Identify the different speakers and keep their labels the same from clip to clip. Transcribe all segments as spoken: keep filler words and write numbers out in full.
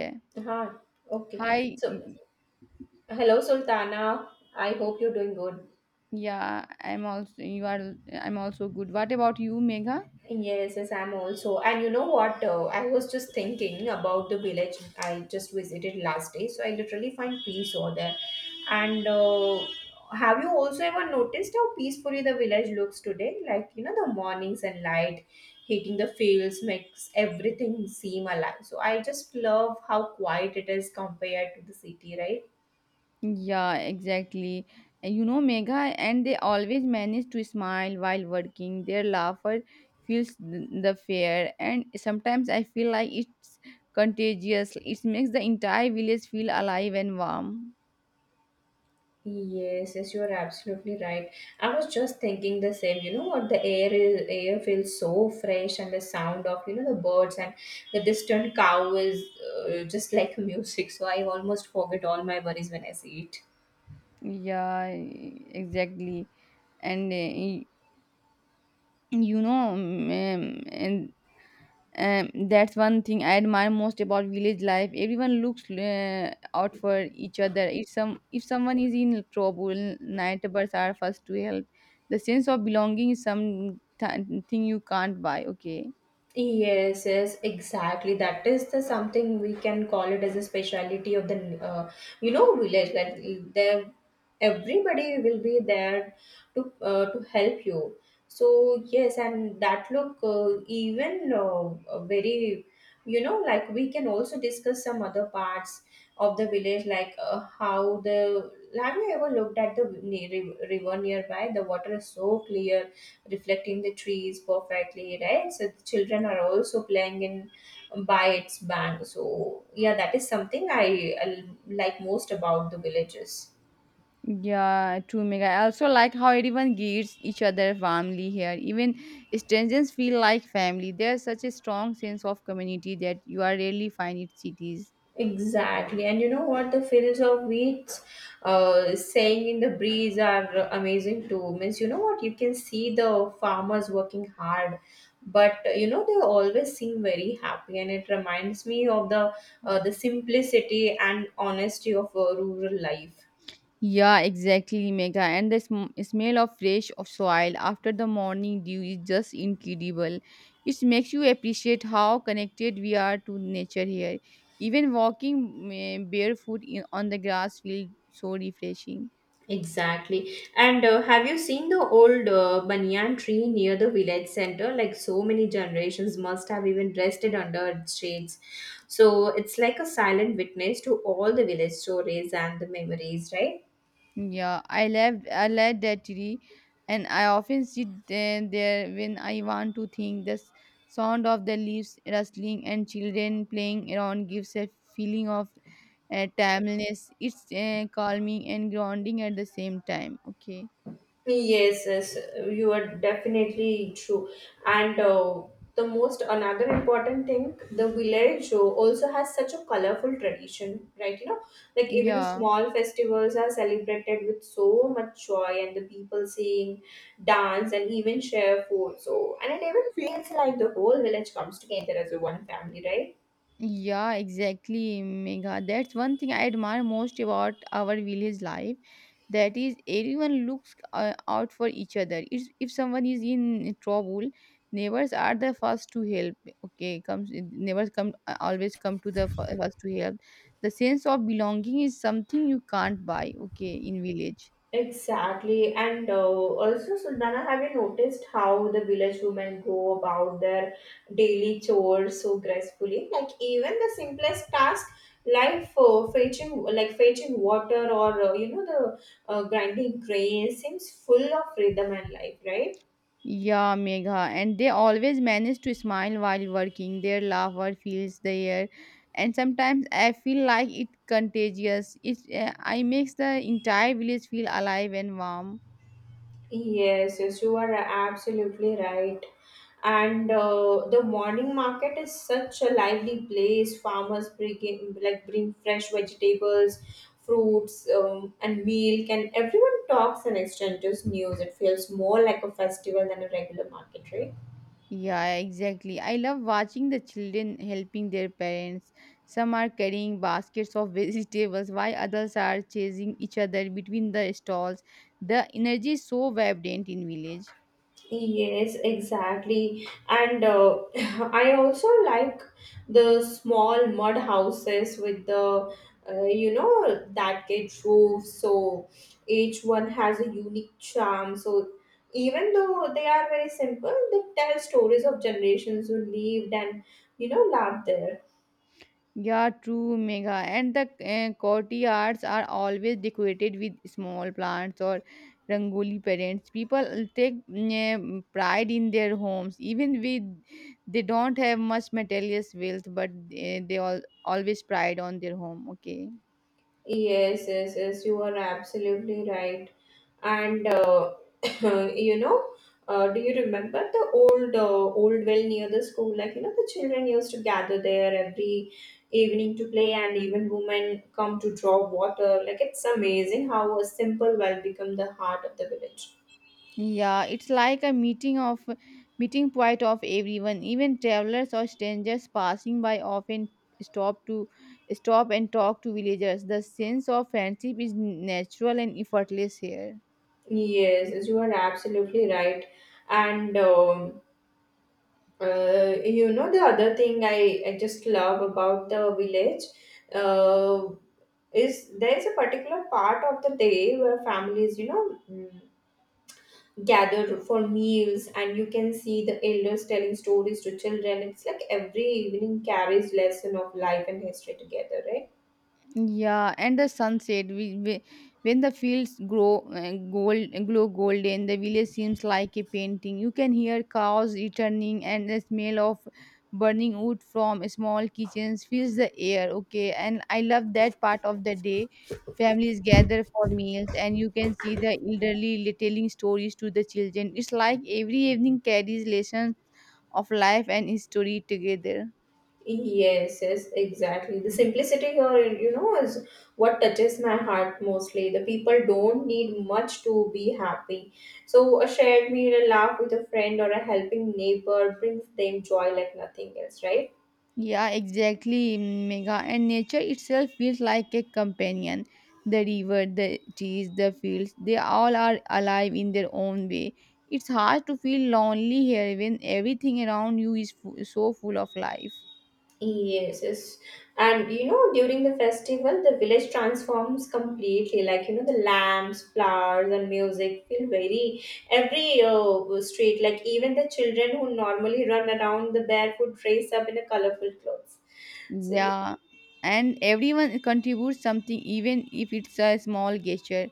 Speaker 1: Okay.
Speaker 2: Huh. Okay.
Speaker 1: Hi.
Speaker 2: So,
Speaker 1: mm,
Speaker 2: hello, Sultana. I hope you're doing good.
Speaker 1: Yeah, I'm also you are I'm also good. What about you, Megha?
Speaker 2: Yes, yes, I'm also. And you know what? Uh, I was just thinking about the village I just visited last day. So I literally find peace over there. And uh, have you also ever noticed how peacefully the village looks today? Like, you know, the morning sunlight hitting the fields makes everything seem alive. So I just love how quiet it is compared to the city, right?
Speaker 1: Yeah, exactly. And you know, Megha, and they always manage to smile while working. Their laughter fills th- the fair, and sometimes I feel like it's contagious. It makes the entire village feel alive and warm.
Speaker 2: Yes, yes, you are absolutely right. I was just thinking the same. You know what? The air is air feels so fresh, and the sound of you know the birds and the distant cow is uh, just like music. So I almost forget all my worries when I see it.
Speaker 1: Yeah, exactly. And uh, y- you know, mm, and Um, that's one thing I admire most about village life. Everyone looks uh, out for each other. If some if someone is in trouble, neighbors are first to help. The sense of belonging is some th- thing you can't buy. Okay.
Speaker 2: Yes, yes, exactly. That is the something we can call it as a speciality of the uh, you know village that there everybody will be there to uh, to help you. So yes, and that look uh, even uh, very you know like we can also discuss some other parts of the village like uh, how the have you ever looked at the ne- river nearby? The water is so clear reflecting the trees perfectly, right? So the children are also playing in um, by its bank. So yeah, that is something I, I like most about the villages.
Speaker 1: Yeah, true, Mega. I also like how everyone gives each other family here. Even strangers feel like family. There's such a strong sense of community that you are rarely find in cities.
Speaker 2: Exactly, and you know what? The fields of wheat, uh, saying in the breeze are amazing too. Means you know what? You can see the farmers working hard, but uh, you know they always seem very happy, and it reminds me of the uh, the simplicity and honesty of uh, rural life.
Speaker 1: Yeah, exactly, Megha. And the sm- smell of fresh of soil after the morning dew is just incredible. It makes you appreciate how connected we are to nature here. Even walking eh, barefoot in, on the grass feels so refreshing.
Speaker 2: Exactly. And uh, have you seen the old uh, banyan tree near the village center? Like so many generations must have even rested under its shades. So it's like a silent witness to all the village stories and the memories, right?
Speaker 1: Yeah, I love I love that tree, and I often sit there, there when I want to think. The s- sound of the leaves rustling and children playing around gives a feeling of uh, timeless. It's uh, calming and grounding at the same time. Okay.
Speaker 2: Yes, yes, you are definitely true. And uh, the most another important thing, the village uh, also has such a colorful tradition, right? You know, like even
Speaker 1: Yeah.
Speaker 2: small festivals are celebrated with so much joy, and the people sing, dance, and even share food. So, and it even feels like the whole village comes together as a one family, right?
Speaker 1: Yeah, exactly, Megha. That's one thing I admire most about our village life. That is, everyone looks uh, out for each other. If if someone is in trouble, neighbors are the first to help. Okay, comes neighbors come uh, always come to the fir- first to help. The sense of belonging is something you can't buy. Okay, in village.
Speaker 2: Exactly, and uh, also Sultana, have you noticed how the village women go about their daily chores so gracefully? Like even the simplest task, like uh, fetching, like fetching water or uh, you know the uh, grinding grain, seems full of rhythm and life, right?
Speaker 1: Yeah, Megha, and they always manage to smile while working. Their laughter fills the air, and sometimes I feel like it contagious. It uh, I makes the entire village feel alive and warm.
Speaker 2: Yes, yes, you are absolutely right. And uh, the morning market is such a lively place. Farmers bring like bring fresh vegetables, fruits, um, and milk, and everyone talks and exchanges news. It feels more like a festival than a regular market, right?
Speaker 1: Yeah, exactly. I love watching the children helping their parents. Some are carrying baskets of vegetables, while others are chasing each other between the stalls. The energy is so vibrant in village.
Speaker 2: Yes, exactly. And uh, I also like the small mud houses with the, uh, you know, that get roofs. So each one has a unique charm. So even though they are very simple, they tell stories of generations who lived and, you know, loved there.
Speaker 1: Yeah, true, Mega. And the uh, courtyards are always decorated with small plants or rangoli parents. People take mm, pride in their homes, even with they don't have much material wealth, but uh, they all always pride on their home. Okay.
Speaker 2: Yes, yes, yes, you are absolutely right. And uh, Uh, you know, uh, do you remember the old uh, old well near the school? Like you know, the children used to gather there every evening to play, and even women come to draw water. Like it's amazing how a simple well become the heart of the village.
Speaker 1: Yeah, it's like a meeting of meeting point of everyone. Even travelers or strangers passing by often stop to stop and talk to villagers. The sense of friendship is natural and effortless here.
Speaker 2: Yes, yes, you are absolutely right. And um, uh, you know, the other thing I, I just love about the village uh, is there is a particular part of the day where families, you know, mm, gather for meals, and you can see the elders telling stories to children. It's like every evening carries lesson of life and history together, right?
Speaker 1: Yeah, and the sunset. We, we When the fields grow uh, gold, glow golden, the village seems like a painting. You can hear cows returning, and the smell of burning wood from small kitchens fills the air. Okay, and I love that part of the day. Families gather for meals, and you can see the elderly li- telling stories to the children. It's like every evening carries lessons of life and history together.
Speaker 2: Yes, yes, exactly. The simplicity here you know is what touches my heart mostly. The people don't need much to be happy. So a shared meal, a laugh with a friend, or a helping neighbor brings them joy like nothing else, right?
Speaker 1: Yeah, exactly, Mega. And nature itself feels like a companion. The river, the trees, the fields, they all are alive in their own way. It's hard to feel lonely here when everything around you is fu- so full of life.
Speaker 2: Yes, yes. And you know, during the festival, the village transforms completely. Like, you know, the lamps, flowers, and music feel very every uh, street. Like, even the children who normally run around the barefoot dress up in a colorful clothes. So, y-
Speaker 1: Yeah, and everyone contributes something, even if it's a small gesture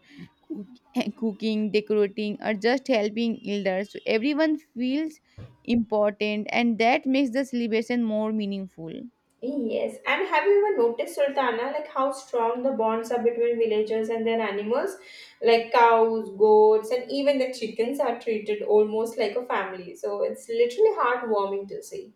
Speaker 1: cook- cooking, decorating, or just helping elders. So everyone feels important, and that makes the celebration more meaningful.
Speaker 2: yes. And have you ever noticed, Sultana, like how strong the bonds are between villagers and their animals? Like cows, goats, and even the chickens are treated almost like a family. So, it's literally heartwarming to see.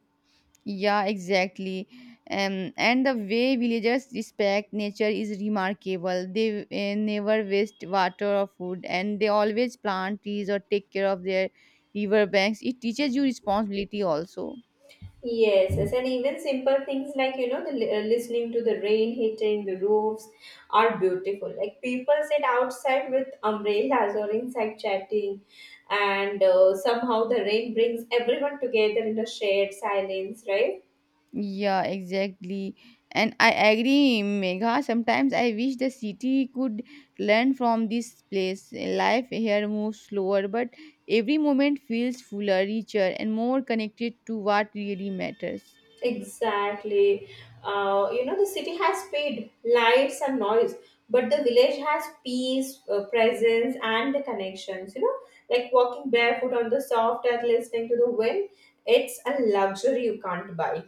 Speaker 1: Yeah, exactly. Um, and the way villagers respect nature is remarkable. They uh, never waste water or food, and they always plant trees or take care of their river banks. It teaches you responsibility also.
Speaker 2: Yes, yes, and even simple things like you know the li- uh, listening to the rain hitting the roofs are beautiful. Like people sit outside with umbrellas or inside chatting, and uh, somehow the rain brings everyone together in a shared silence, right?
Speaker 1: Yeah, exactly. And I agree, Megha. Sometimes I wish the city could learn from this place. Life here moves slower, but every moment feels fuller, richer, and more connected to what really matters.
Speaker 2: Exactly. Uh, you know, the city has speed, lights, and noise, but the village has peace, uh, presence, and the connections. You know, like walking barefoot on the soft earth, listening to the wind, it's a luxury you can't buy.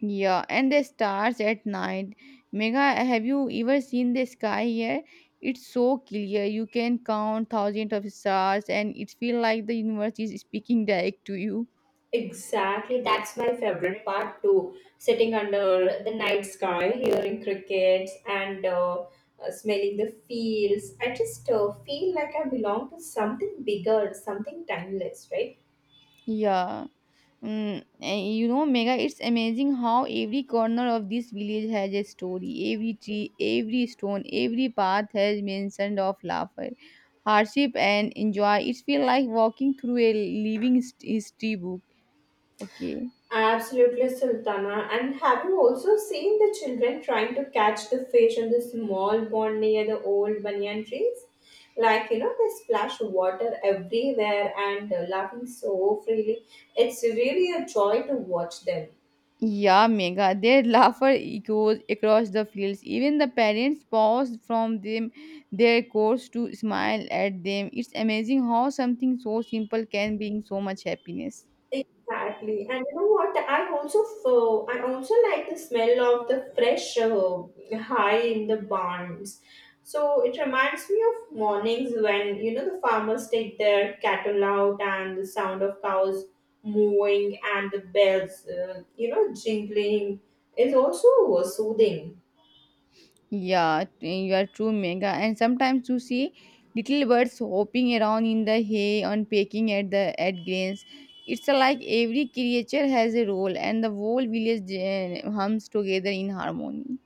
Speaker 1: Yeah, and the stars at night. Mega, have you ever seen the sky here? It's so clear. You can count thousands of stars, and it feels like the universe is speaking direct to you.
Speaker 2: Exactly, that's my favorite part too. Sitting under the night sky, hearing crickets, and uh, uh, smelling the fields. I just uh, feel like I belong to something bigger, something timeless, right?
Speaker 1: Yeah. Mm, and you know, Mega, it's amazing how every corner of this village has a story. Every tree, every stone, every path has mentioned of laughter, hardship, and enjoy. It feels like walking through a living hist- history book. Okay.
Speaker 2: Absolutely, Sultana. And have you also seen the children trying to catch the fish on the small pond near the old banyan trees? Like, you know, they splash water everywhere and uh, laughing so freely. It's really a joy to watch them.
Speaker 1: Yeah, Mega. Their laughter echoes across the fields. Even the parents pause from them their course to smile at them. It's amazing how something so simple can bring so much happiness.
Speaker 2: Exactly, and you know what? I also f- I also like the smell of the fresh uh, hay in the barns. So it reminds me of mornings when you know the farmers take their cattle out, and the sound of cows mooing and the bells, uh, you know, jingling is also soothing.
Speaker 1: Yeah, t- you are true, Mega. And sometimes you see little birds hopping around in the hay and pecking at the at grains. It's like every creature has a role, and the whole village uh, hums together in harmony.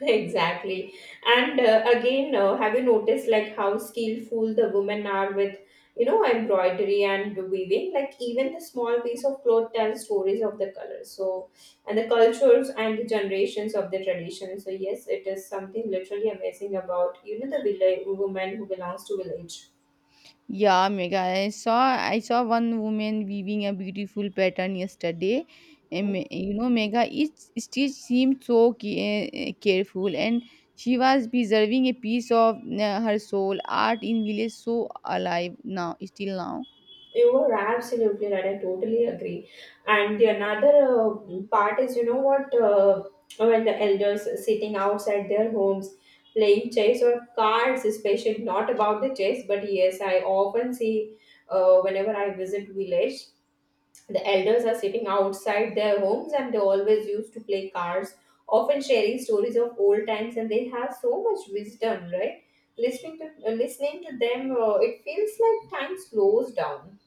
Speaker 2: Exactly. And uh, again, uh, have you noticed like how skillful the women are with, you know, embroidery and weaving? Like even the small piece of cloth tells stories of the colors. So, and the cultures and the generations of the tradition. So yes, it is something literally amazing about, you know, the village woman who belongs to village.
Speaker 1: Yeah, Mega. I saw I saw one woman weaving a beautiful pattern yesterday. And me-
Speaker 2: Mm-hmm.
Speaker 1: you know, Mega, each stitch seemed so ca- eh, careful, and she was preserving a piece of uh, her soul. Art in village so alive now, still now.
Speaker 2: You were absolutely right. I totally agree. And the another uh, part is, you know what, uh, when the elders sitting outside their homes playing chess or cards, especially not about the chess, but yes, I often see uh, whenever I visit village, the elders are sitting outside their homes and they always used to play cards, often sharing stories of old times, and they have so much wisdom, right? Listening to uh, listening to them, uh, it feels like time slows down.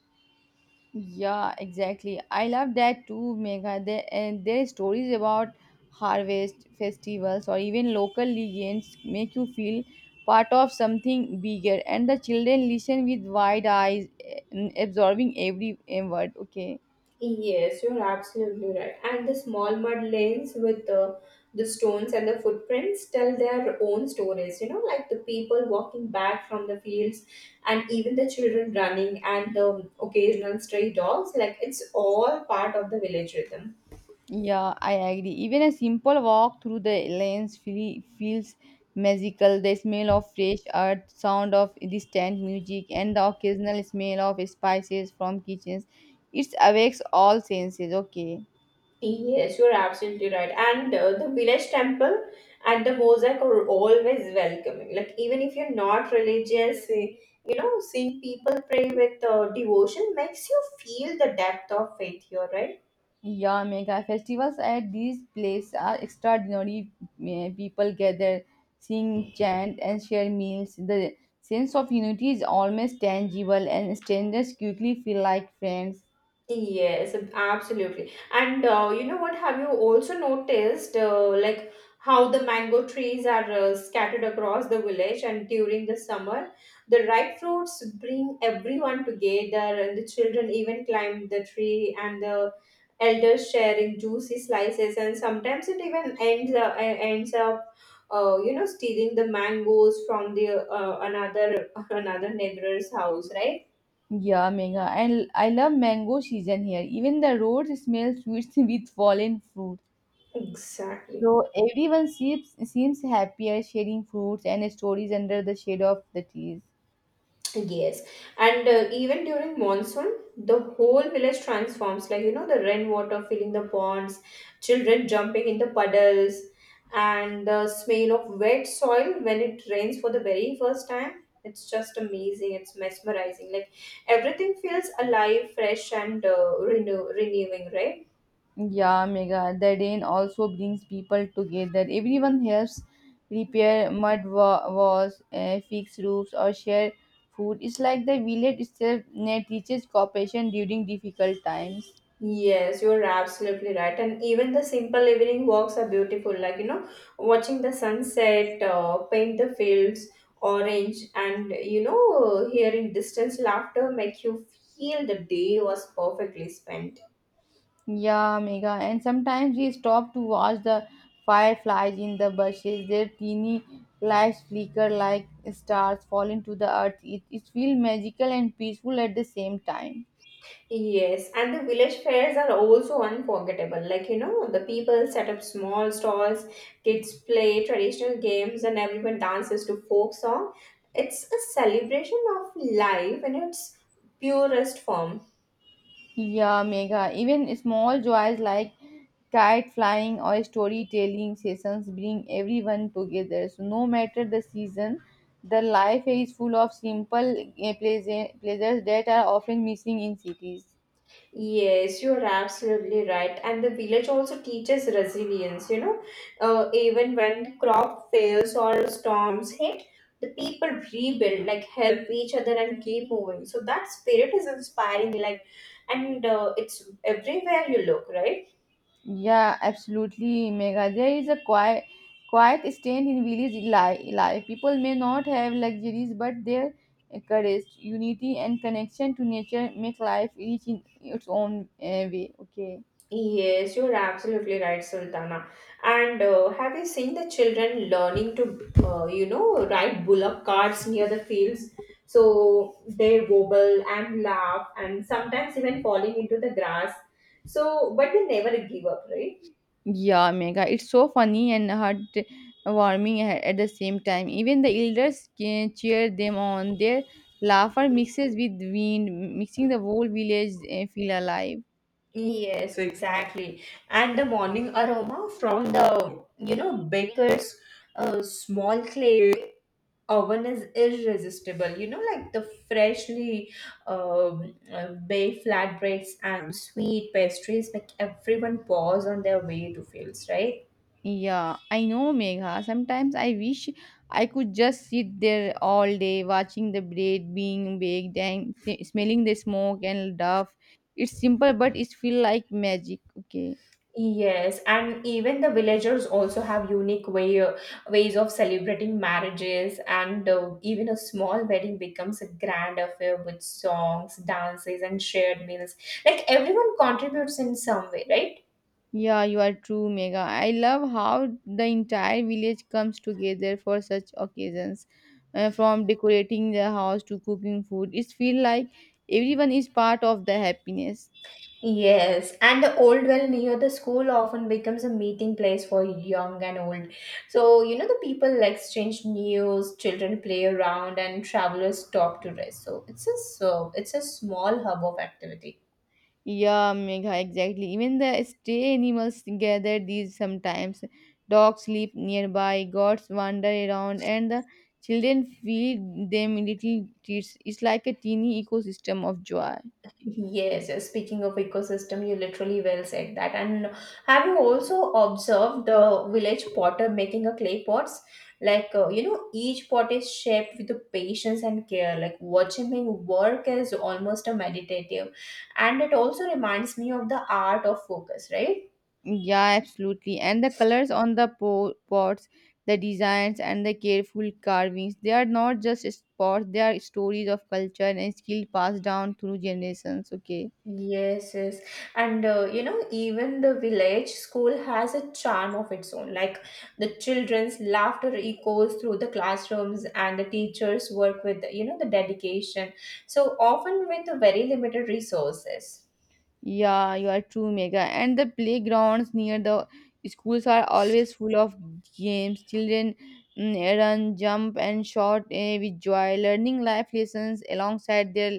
Speaker 1: Yeah, exactly. I love that too, Megha. There, and their stories about harvest festivals or even local legends make you feel part of something bigger. And the children listen with wide eyes, eh, absorbing every eh, word. Okay.
Speaker 2: Yes, you're absolutely right. And the small mud lanes with the, the stones and the footprints tell their own stories, you know, like the people walking back from the fields and even the children running and the occasional stray dogs. Like it's all part of the village rhythm.
Speaker 1: Yeah, I agree. Even a simple walk through the lanes feel, feels magical. The smell of fresh earth, sound of distant music, and the occasional smell of spices from kitchens. It awakes all senses. Okay.
Speaker 2: Yes, you're absolutely right. And uh, the village temple and the mosaic are always welcoming. Like, even if you're not religious, eh, you know, seeing people pray with uh, devotion makes you feel the depth of faith here, right?
Speaker 1: Yeah, mega festivals at these places are extraordinary. Eh, People gather, sing, chant, and share meals. The sense of unity is almost tangible, and strangers quickly feel like friends.
Speaker 2: Yes, absolutely. And uh, you know what? Have you also noticed, uh, like how the mango trees are uh, scattered across the village, and during the summer, the ripe fruits bring everyone together, and the children even climb the tree, and the elders sharing juicy slices, and sometimes it even ends up, uh, ends up, uh, you know, stealing the mangoes from the uh, another another neighbor's house, right?
Speaker 1: Yeah, mega. And I love mango season here. Even the roads smell sweet with fallen fruit.
Speaker 2: Exactly.
Speaker 1: So everyone seems seems happier sharing fruits and stories under the shade of the trees.
Speaker 2: Yes, and uh, even during monsoon, the whole village transforms. Like you know, the rainwater filling the ponds, children jumping in the puddles, and the smell of wet soil when it rains for the very first time. It's just amazing. It's mesmerizing. Like everything feels alive, fresh, and uh, renew renewing. Right.
Speaker 1: Yeah, mega. The rain also brings people together. Everyone helps repair mud wa- walls, uh, fix roofs, or share food. It's like the village itself uh, teaches cooperation during difficult times.
Speaker 2: Yes, you're absolutely right. And even the simple evening walks are beautiful, like you know, watching the sunset, uh, paint the fields orange, and you know, hearing distant laughter make you feel the day was perfectly spent.
Speaker 1: Yeah, Mega. And sometimes we stop to watch the fireflies in the bushes. Their teeny lights flicker like stars falling to the earth. It, it feels magical and peaceful at the same time.
Speaker 2: Yes, and the village fairs are also unforgettable. Like you know, the people set up small stalls, kids play traditional games, and everyone dances to folk song. It's a celebration of life in its purest form.
Speaker 1: Yeah, Mega. Even small joys like kite flying or storytelling sessions bring everyone together. So, no matter the season, the life is full of simple eh, pleasure- pleasures that are often missing in cities.
Speaker 2: Yes, you're absolutely right. And the village also teaches resilience, you know, uh, even when crop fails or storms hit, the people rebuild, like help each other and keep moving. So that spirit is inspiring, like, and uh, it's everywhere you look, right?
Speaker 1: Yeah, absolutely, Mega. There is a quiet, quiet strength in village li- life. People may not have luxuries, but their courage, unity, and connection to nature make life rich in its own uh, way. Okay.
Speaker 2: Yes, you're absolutely right, Sultana. And uh, have you seen the children learning to, uh, you know, ride bullock carts near the fields? So they wobble and laugh and sometimes even falling into the grass. So, but they never give up, right?
Speaker 1: Yeah, Mega. It's so funny and heartwarming a- at the same time. Even the elders can cheer them on. Their laughter mixes with wind, mixing the whole village uh, feel alive.
Speaker 2: Yes, exactly. And the morning aroma from the, you know, baker's uh, small clay oven is irresistible. You know, like the freshly um, uh, baked flatbreads and sweet pastries make everyone pause on their way to fields, right?
Speaker 1: Yeah, I know, Megha. Sometimes I wish I could just sit there all day watching the bread being baked and s- smelling the smoke and duff. It's simple, but it feels like magic. Okay.
Speaker 2: Yes, and even the villagers also have unique way ways of celebrating marriages, and uh, even a small wedding becomes a grand affair with songs, dances, and shared meals. Like everyone contributes in some way, right?
Speaker 1: Yeah, you are true, Megha. I love how the entire village comes together for such occasions, uh, from decorating the house to cooking food. It feels like everyone is part of the happiness.
Speaker 2: Yes, and the old well near the school often becomes a meeting place for young and old. So, you know, the people exchange news, children play around, and travelers stop to rest. So, it's a so it's a small hub of activity.
Speaker 1: Yeah, Megha, exactly. Even the stray animals gather these sometimes. Dogs sleep nearby, goats wander around, and the children feed them little treats. It's like a teeny ecosystem of joy.
Speaker 2: Yes, yes. Speaking of ecosystem, you literally well said that. And have you also observed the village potter making a clay pots? Like uh, you know, each pot is shaped with the patience and care. Like watching him work is almost a meditative, and it also reminds me of the art of focus, right?
Speaker 1: Yeah, absolutely. And the colors on the po- pots, the designs, and the careful carvings, they are not just spots, they are stories of culture and skill passed down through generations. Okay.
Speaker 2: Yes, yes. And uh, you know, even the village school has a charm of its own. Like the children's laughter echoes through the classrooms, and the teachers work with, you know, the dedication. So often with very limited resources.
Speaker 1: Yeah, you are true, Mega. And the playgrounds near the schools are always full of games. Children mm, run, jump, and shout eh, with joy, learning life lessons alongside their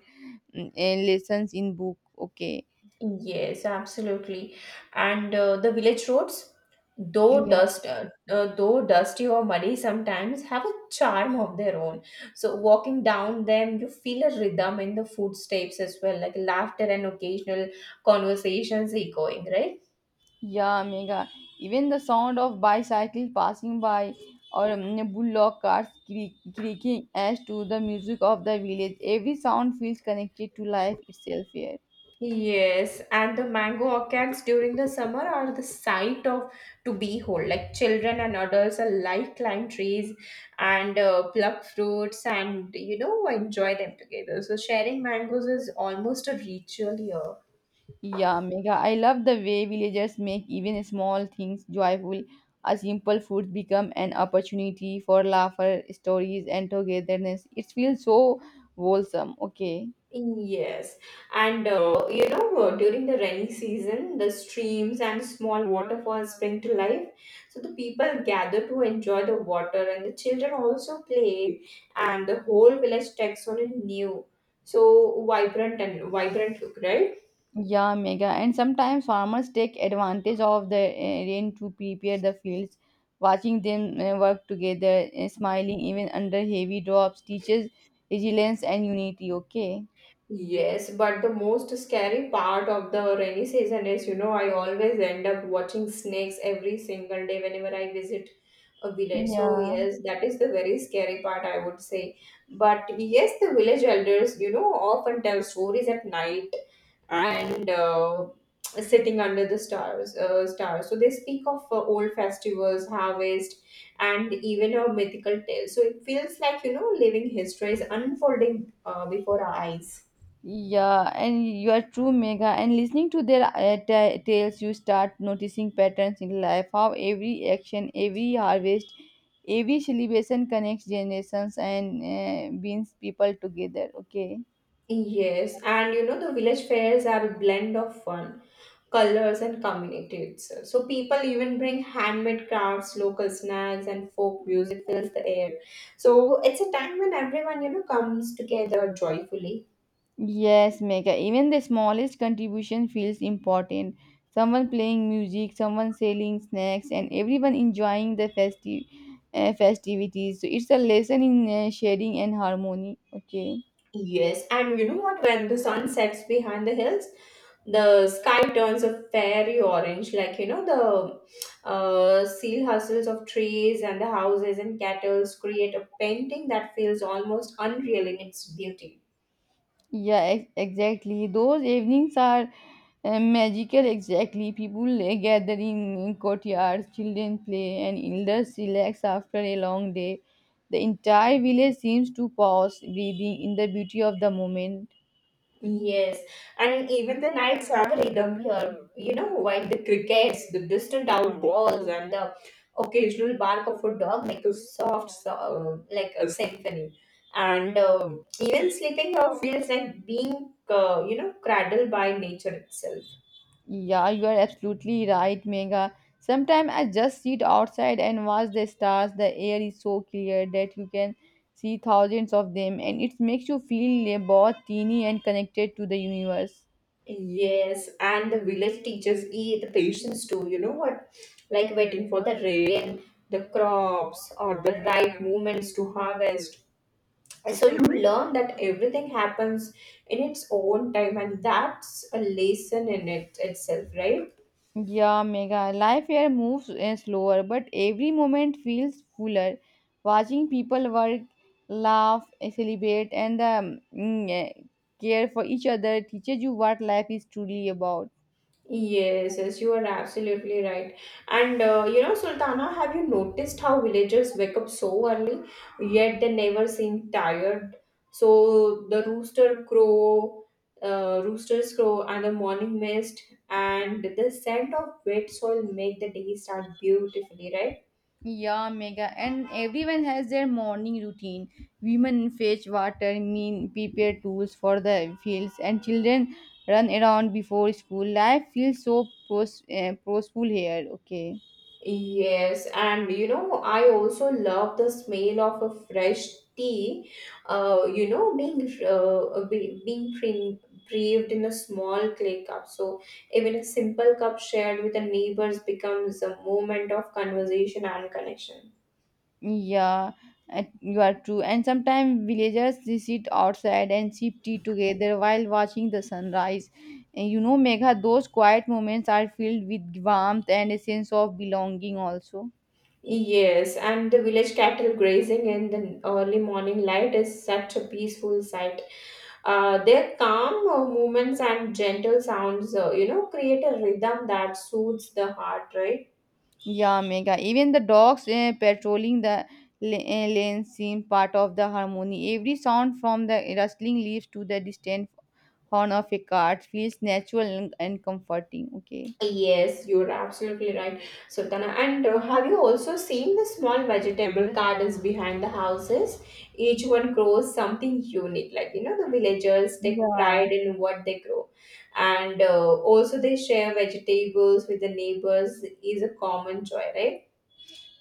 Speaker 1: mm, eh, lessons in book. Okay.
Speaker 2: Yes, absolutely. And uh, the village roads, though
Speaker 1: Yeah,
Speaker 2: dust, uh, uh, though dusty or muddy sometimes, have a charm of their own. So walking down them, you feel a rhythm in the footsteps as well, like laughter and occasional conversations echoing, right?
Speaker 1: yeah, Mega. Even the sound of bicycle passing by or mm, bullock carts creak- creaking adds to the music of the village. Every sound feels connected to life itself here.
Speaker 2: Yes, and the mango orchards during the summer are the sight of to behold. Like children and adults alike climb trees and uh, pluck fruits and you know enjoy them together. So sharing mangoes is almost a ritual here.
Speaker 1: Yeah, Megha, I love the way villagers make even small things joyful. A simple food become an opportunity for laughter, stories, and togetherness. It feels so wholesome. Okay.
Speaker 2: Yes, and uh, you know, uh, during the rainy season, the streams and small waterfalls spring to life. So the people gather to enjoy the water, and the children also play, and the whole village takes on a new, so vibrant and vibrant look, right?
Speaker 1: Yeah, Megha. And sometimes farmers take advantage of the uh, rain to prepare the fields. Watching them uh, work together, uh, smiling even under heavy drops, teaches resilience and unity. Okay.
Speaker 2: Yes, but the most scary part of the rainy season is, you know, I always end up watching snakes every single day whenever I visit a village. So
Speaker 1: Yeah.
Speaker 2: yes, that is the very scary part, I would say. But yes, the village elders, you know, often tell stories at night and uh, sitting under the stars. Uh, stars. So they speak of uh, old festivals, harvest, and even a mythical tale. So it feels like you know, living history is unfolding uh, before our eyes.
Speaker 1: Yeah, and you are true, Megha. And listening to their uh, ta- tales, you start noticing patterns in life, how every action, every harvest, every celebration connects generations and uh, brings people together. Okay.
Speaker 2: Yes, and you know the village fairs are a blend of fun colors and communities. So people even bring handmade crafts, local snacks, and folk music fills the air. So it's a time when everyone you know comes together joyfully.
Speaker 1: Yes, Megha. Even the smallest contribution feels important. Someone playing music, someone selling snacks, and everyone enjoying the festive uh, festivities. So it's a lesson in uh, sharing and harmony. Okay.
Speaker 2: Yes, and you know what? When the sun sets behind the hills, the sky turns a fairy orange, like you know the uh, seal hustles of trees and the houses and cattle create a painting that feels almost unreal in its beauty.
Speaker 1: Yeah, ex- exactly. Those evenings are uh, magical, exactly. People uh, gather in courtyards, children play, and elders relax after a long day. The entire village seems to pause, breathing in the beauty of the moment.
Speaker 2: Yes, and even the nights have a rhythm here. You know, while the crickets, the distant owls, and the occasional bark of a dog make a soft, so, uh, like a symphony. And um even sleeping here feels like being, uh, you know, cradled by nature itself.
Speaker 1: Yeah, you are absolutely right, Mega. Sometimes I just sit outside and watch the stars. The air is so clear that you can see thousands of them, and it makes you feel uh, both teeny and connected to the universe.
Speaker 2: Yes, and the village teachers eat the patience too, you know what? Like waiting for the rain, the crops, or the right moments to harvest. So you learn that everything happens in its own time, and that's a lesson in it itself, right?
Speaker 1: Yeah, mega. Life here moves uh, slower, but every moment feels fuller. Watching people work, laugh, uh, celebrate, and um, mm, eh, care for each other teaches you what life is truly about.
Speaker 2: Yes, yes, you are absolutely right. And uh, you know, Sultana, have you noticed how villagers wake up so early yet they never seem tired? So the rooster crow uh, roosters crow and the morning mist and the scent of wet soil make the day start beautifully, right?
Speaker 1: Yeah, mega. And everyone has their morning routine. Women fetch water, mean prepare tools for the fields, and children run around before school. Life feels so pros- uh, prosperous here. Okay.
Speaker 2: Yes, and you know, I also love the smell of a fresh tea, uh, you know, being uh, be- being pre- brewed in a small clay cup. So even a simple cup shared with the neighbors becomes a moment of conversation and connection.
Speaker 1: Yeah, and you are true. And sometimes villagers they sit outside and sip tea together while watching the sunrise. And you know, Megha, those quiet moments are filled with warmth and a sense of belonging also.
Speaker 2: Yes, and the village cattle grazing in the early morning light is such a peaceful sight. Uh, their calm uh, movements and gentle sounds, uh, you know, create a rhythm that soothes the heart, right?
Speaker 1: Yeah, Megha. Even the dogs eh, patrolling the la- eh, lane seem part of the harmony. Every sound from the rustling leaves to the distant horn of a cart feels natural and, and comforting. Okay.
Speaker 2: Yes, you're absolutely right, Sultana. And uh, have you also seen the small vegetable gardens behind the houses? Each one grows something unique. Like, you know, the villagers take
Speaker 1: Yeah.
Speaker 2: pride in what they grow. And uh, also, they share vegetables with the neighbors is a common joy, right?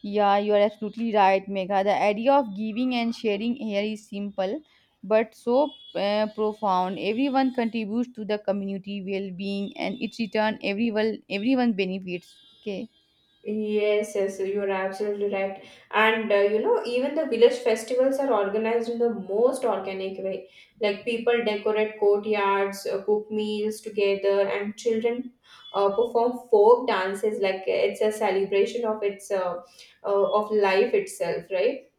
Speaker 1: Yeah, you are absolutely right, Megha. The idea of giving and sharing here is simple but so uh, profound. Everyone contributes to the community well-being, and its return, everyone everyone benefits. Okay.
Speaker 2: Yes, yes, you're absolutely right. And uh, you know, even the village festivals are organized in the most organic way. Like people decorate courtyards, uh, cook meals together, and children uh, perform folk dances. Like it's a celebration of its uh, uh, of life itself, right?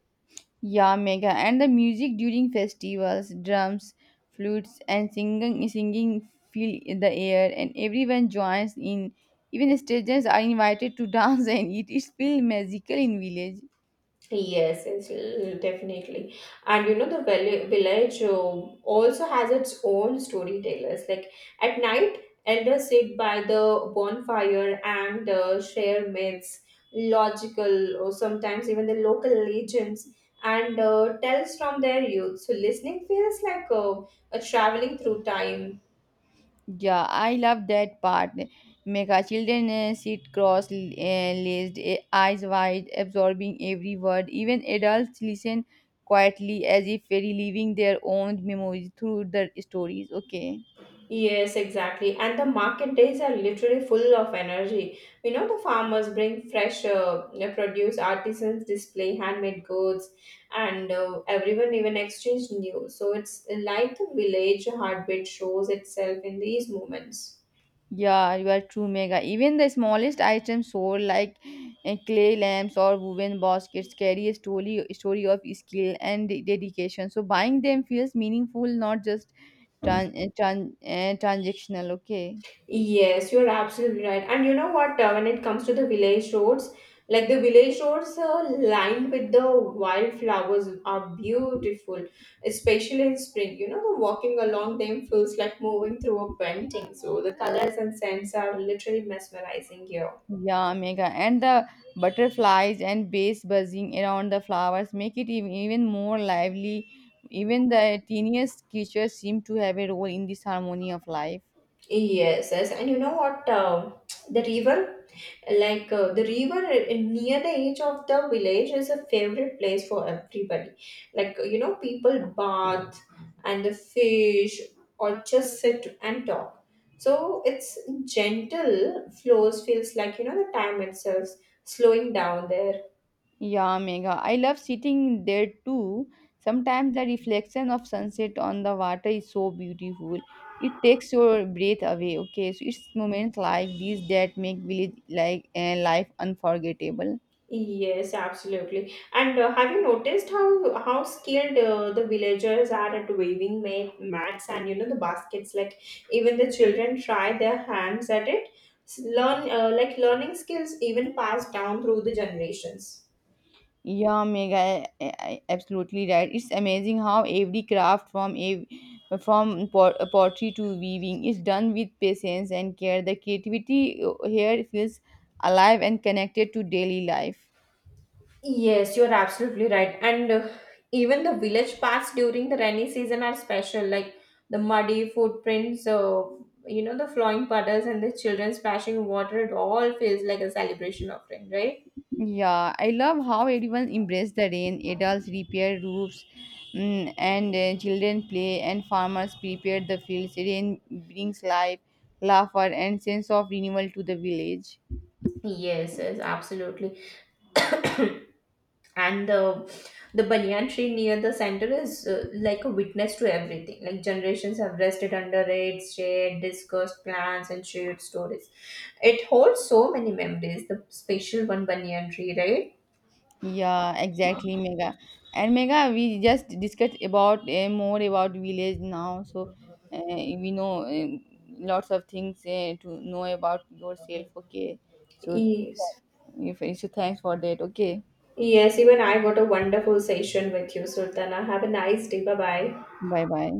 Speaker 1: Yeah, Megha. And the music during festivals, drums, flutes, and singing singing fill the air, and everyone joins in. Even strangers are invited to dance and eat. It's feel magical in village.
Speaker 2: Yes, it's l- definitely. And you know, the vill- village uh, also has its own storytellers. Like at night, elders sit by the bonfire and uh, share myths, logical, or sometimes even the local legends, and uh, tells from their youth. So listening feels like uh, a traveling through time.
Speaker 1: Yeah, I love that part. Mega children uh, sit cross laced, eh, eyes wide, absorbing every word. Even adults listen quietly as if reliving their own memories through the stories. Okay.
Speaker 2: Yes, exactly. And the market days are literally full of energy. You know, the farmers bring fresh uh, produce, artisans display handmade goods, and uh, everyone even exchange news. So it's like the village heartbeat shows itself in these moments.
Speaker 1: Yeah, you are true, Mega. Even the smallest items sold, like uh, clay lamps or woven baskets, carry a story, story of skill and dedication. So buying them feels meaningful, not just tran- uh, tran- uh, transactional. Okay.
Speaker 2: Yes, you're absolutely right. And you know what, uh, when it comes to the village roads, like the village roads uh, lined with the wildflowers are beautiful, especially in spring. You know, the walking along them feels like moving through a painting. So the colors and scents are literally mesmerizing here.
Speaker 1: Yeah, mega. And the butterflies and bees buzzing around the flowers make it even, even more lively. Even the teeniest creatures seem to have a role in this harmony of life.
Speaker 2: Yes, yes. And you know what, uh, the river? Like uh, the river near the edge of the village is a favorite place for everybody, like you know, people bath and the fish or just sit and talk. So its gentle flows feels like, you know, the time itself slowing down there.
Speaker 1: Yeah, mega. I love sitting there too. Sometimes the reflection of sunset on the water is so beautiful. It takes your breath away. Okay, so it's moments like these that make village like uh, life unforgettable.
Speaker 2: Yes, absolutely. And uh, have you noticed how how skilled uh, the villagers are at weaving ma- mats and you know the baskets? Like even the children try their hands at it. S- Learn uh, like learning skills even passed down through the generations.
Speaker 1: Yeah, Mega, I- I- absolutely right. It's amazing how every craft from a from pot- pottery to weaving is done with patience and care. The creativity uh, here feels alive and connected to daily life.
Speaker 2: Yes, you're absolutely right. And uh, even the village paths during the rainy season are special, like the muddy footprints, uh, you know, the flowing puddles and the children splashing water. It all feels like a celebration of rain, right?
Speaker 1: Yeah, I love how everyone embraces the rain. Adults repair roofs, mm, and uh, children play, and farmers prepare the fields. Rain brings life, laughter, and sense of renewal to the village.
Speaker 2: Yes, yes, absolutely. And the the banyan tree near the center is uh, like a witness to everything. Like generations have rested under its shade, discussed plans, and shared stories. It holds so many memories. The special one banyan tree, right?
Speaker 1: Yeah, exactly, Mega. And Mega, we just discussed about uh, more about village now, so uh, we know um lots of things uh, to know about yourself. Okay, so
Speaker 2: Yes.
Speaker 1: if so, thanks for that. Okay,
Speaker 2: Yes, even I got a wonderful session with you, Sultana. Have a nice day. Bye bye.
Speaker 1: bye bye.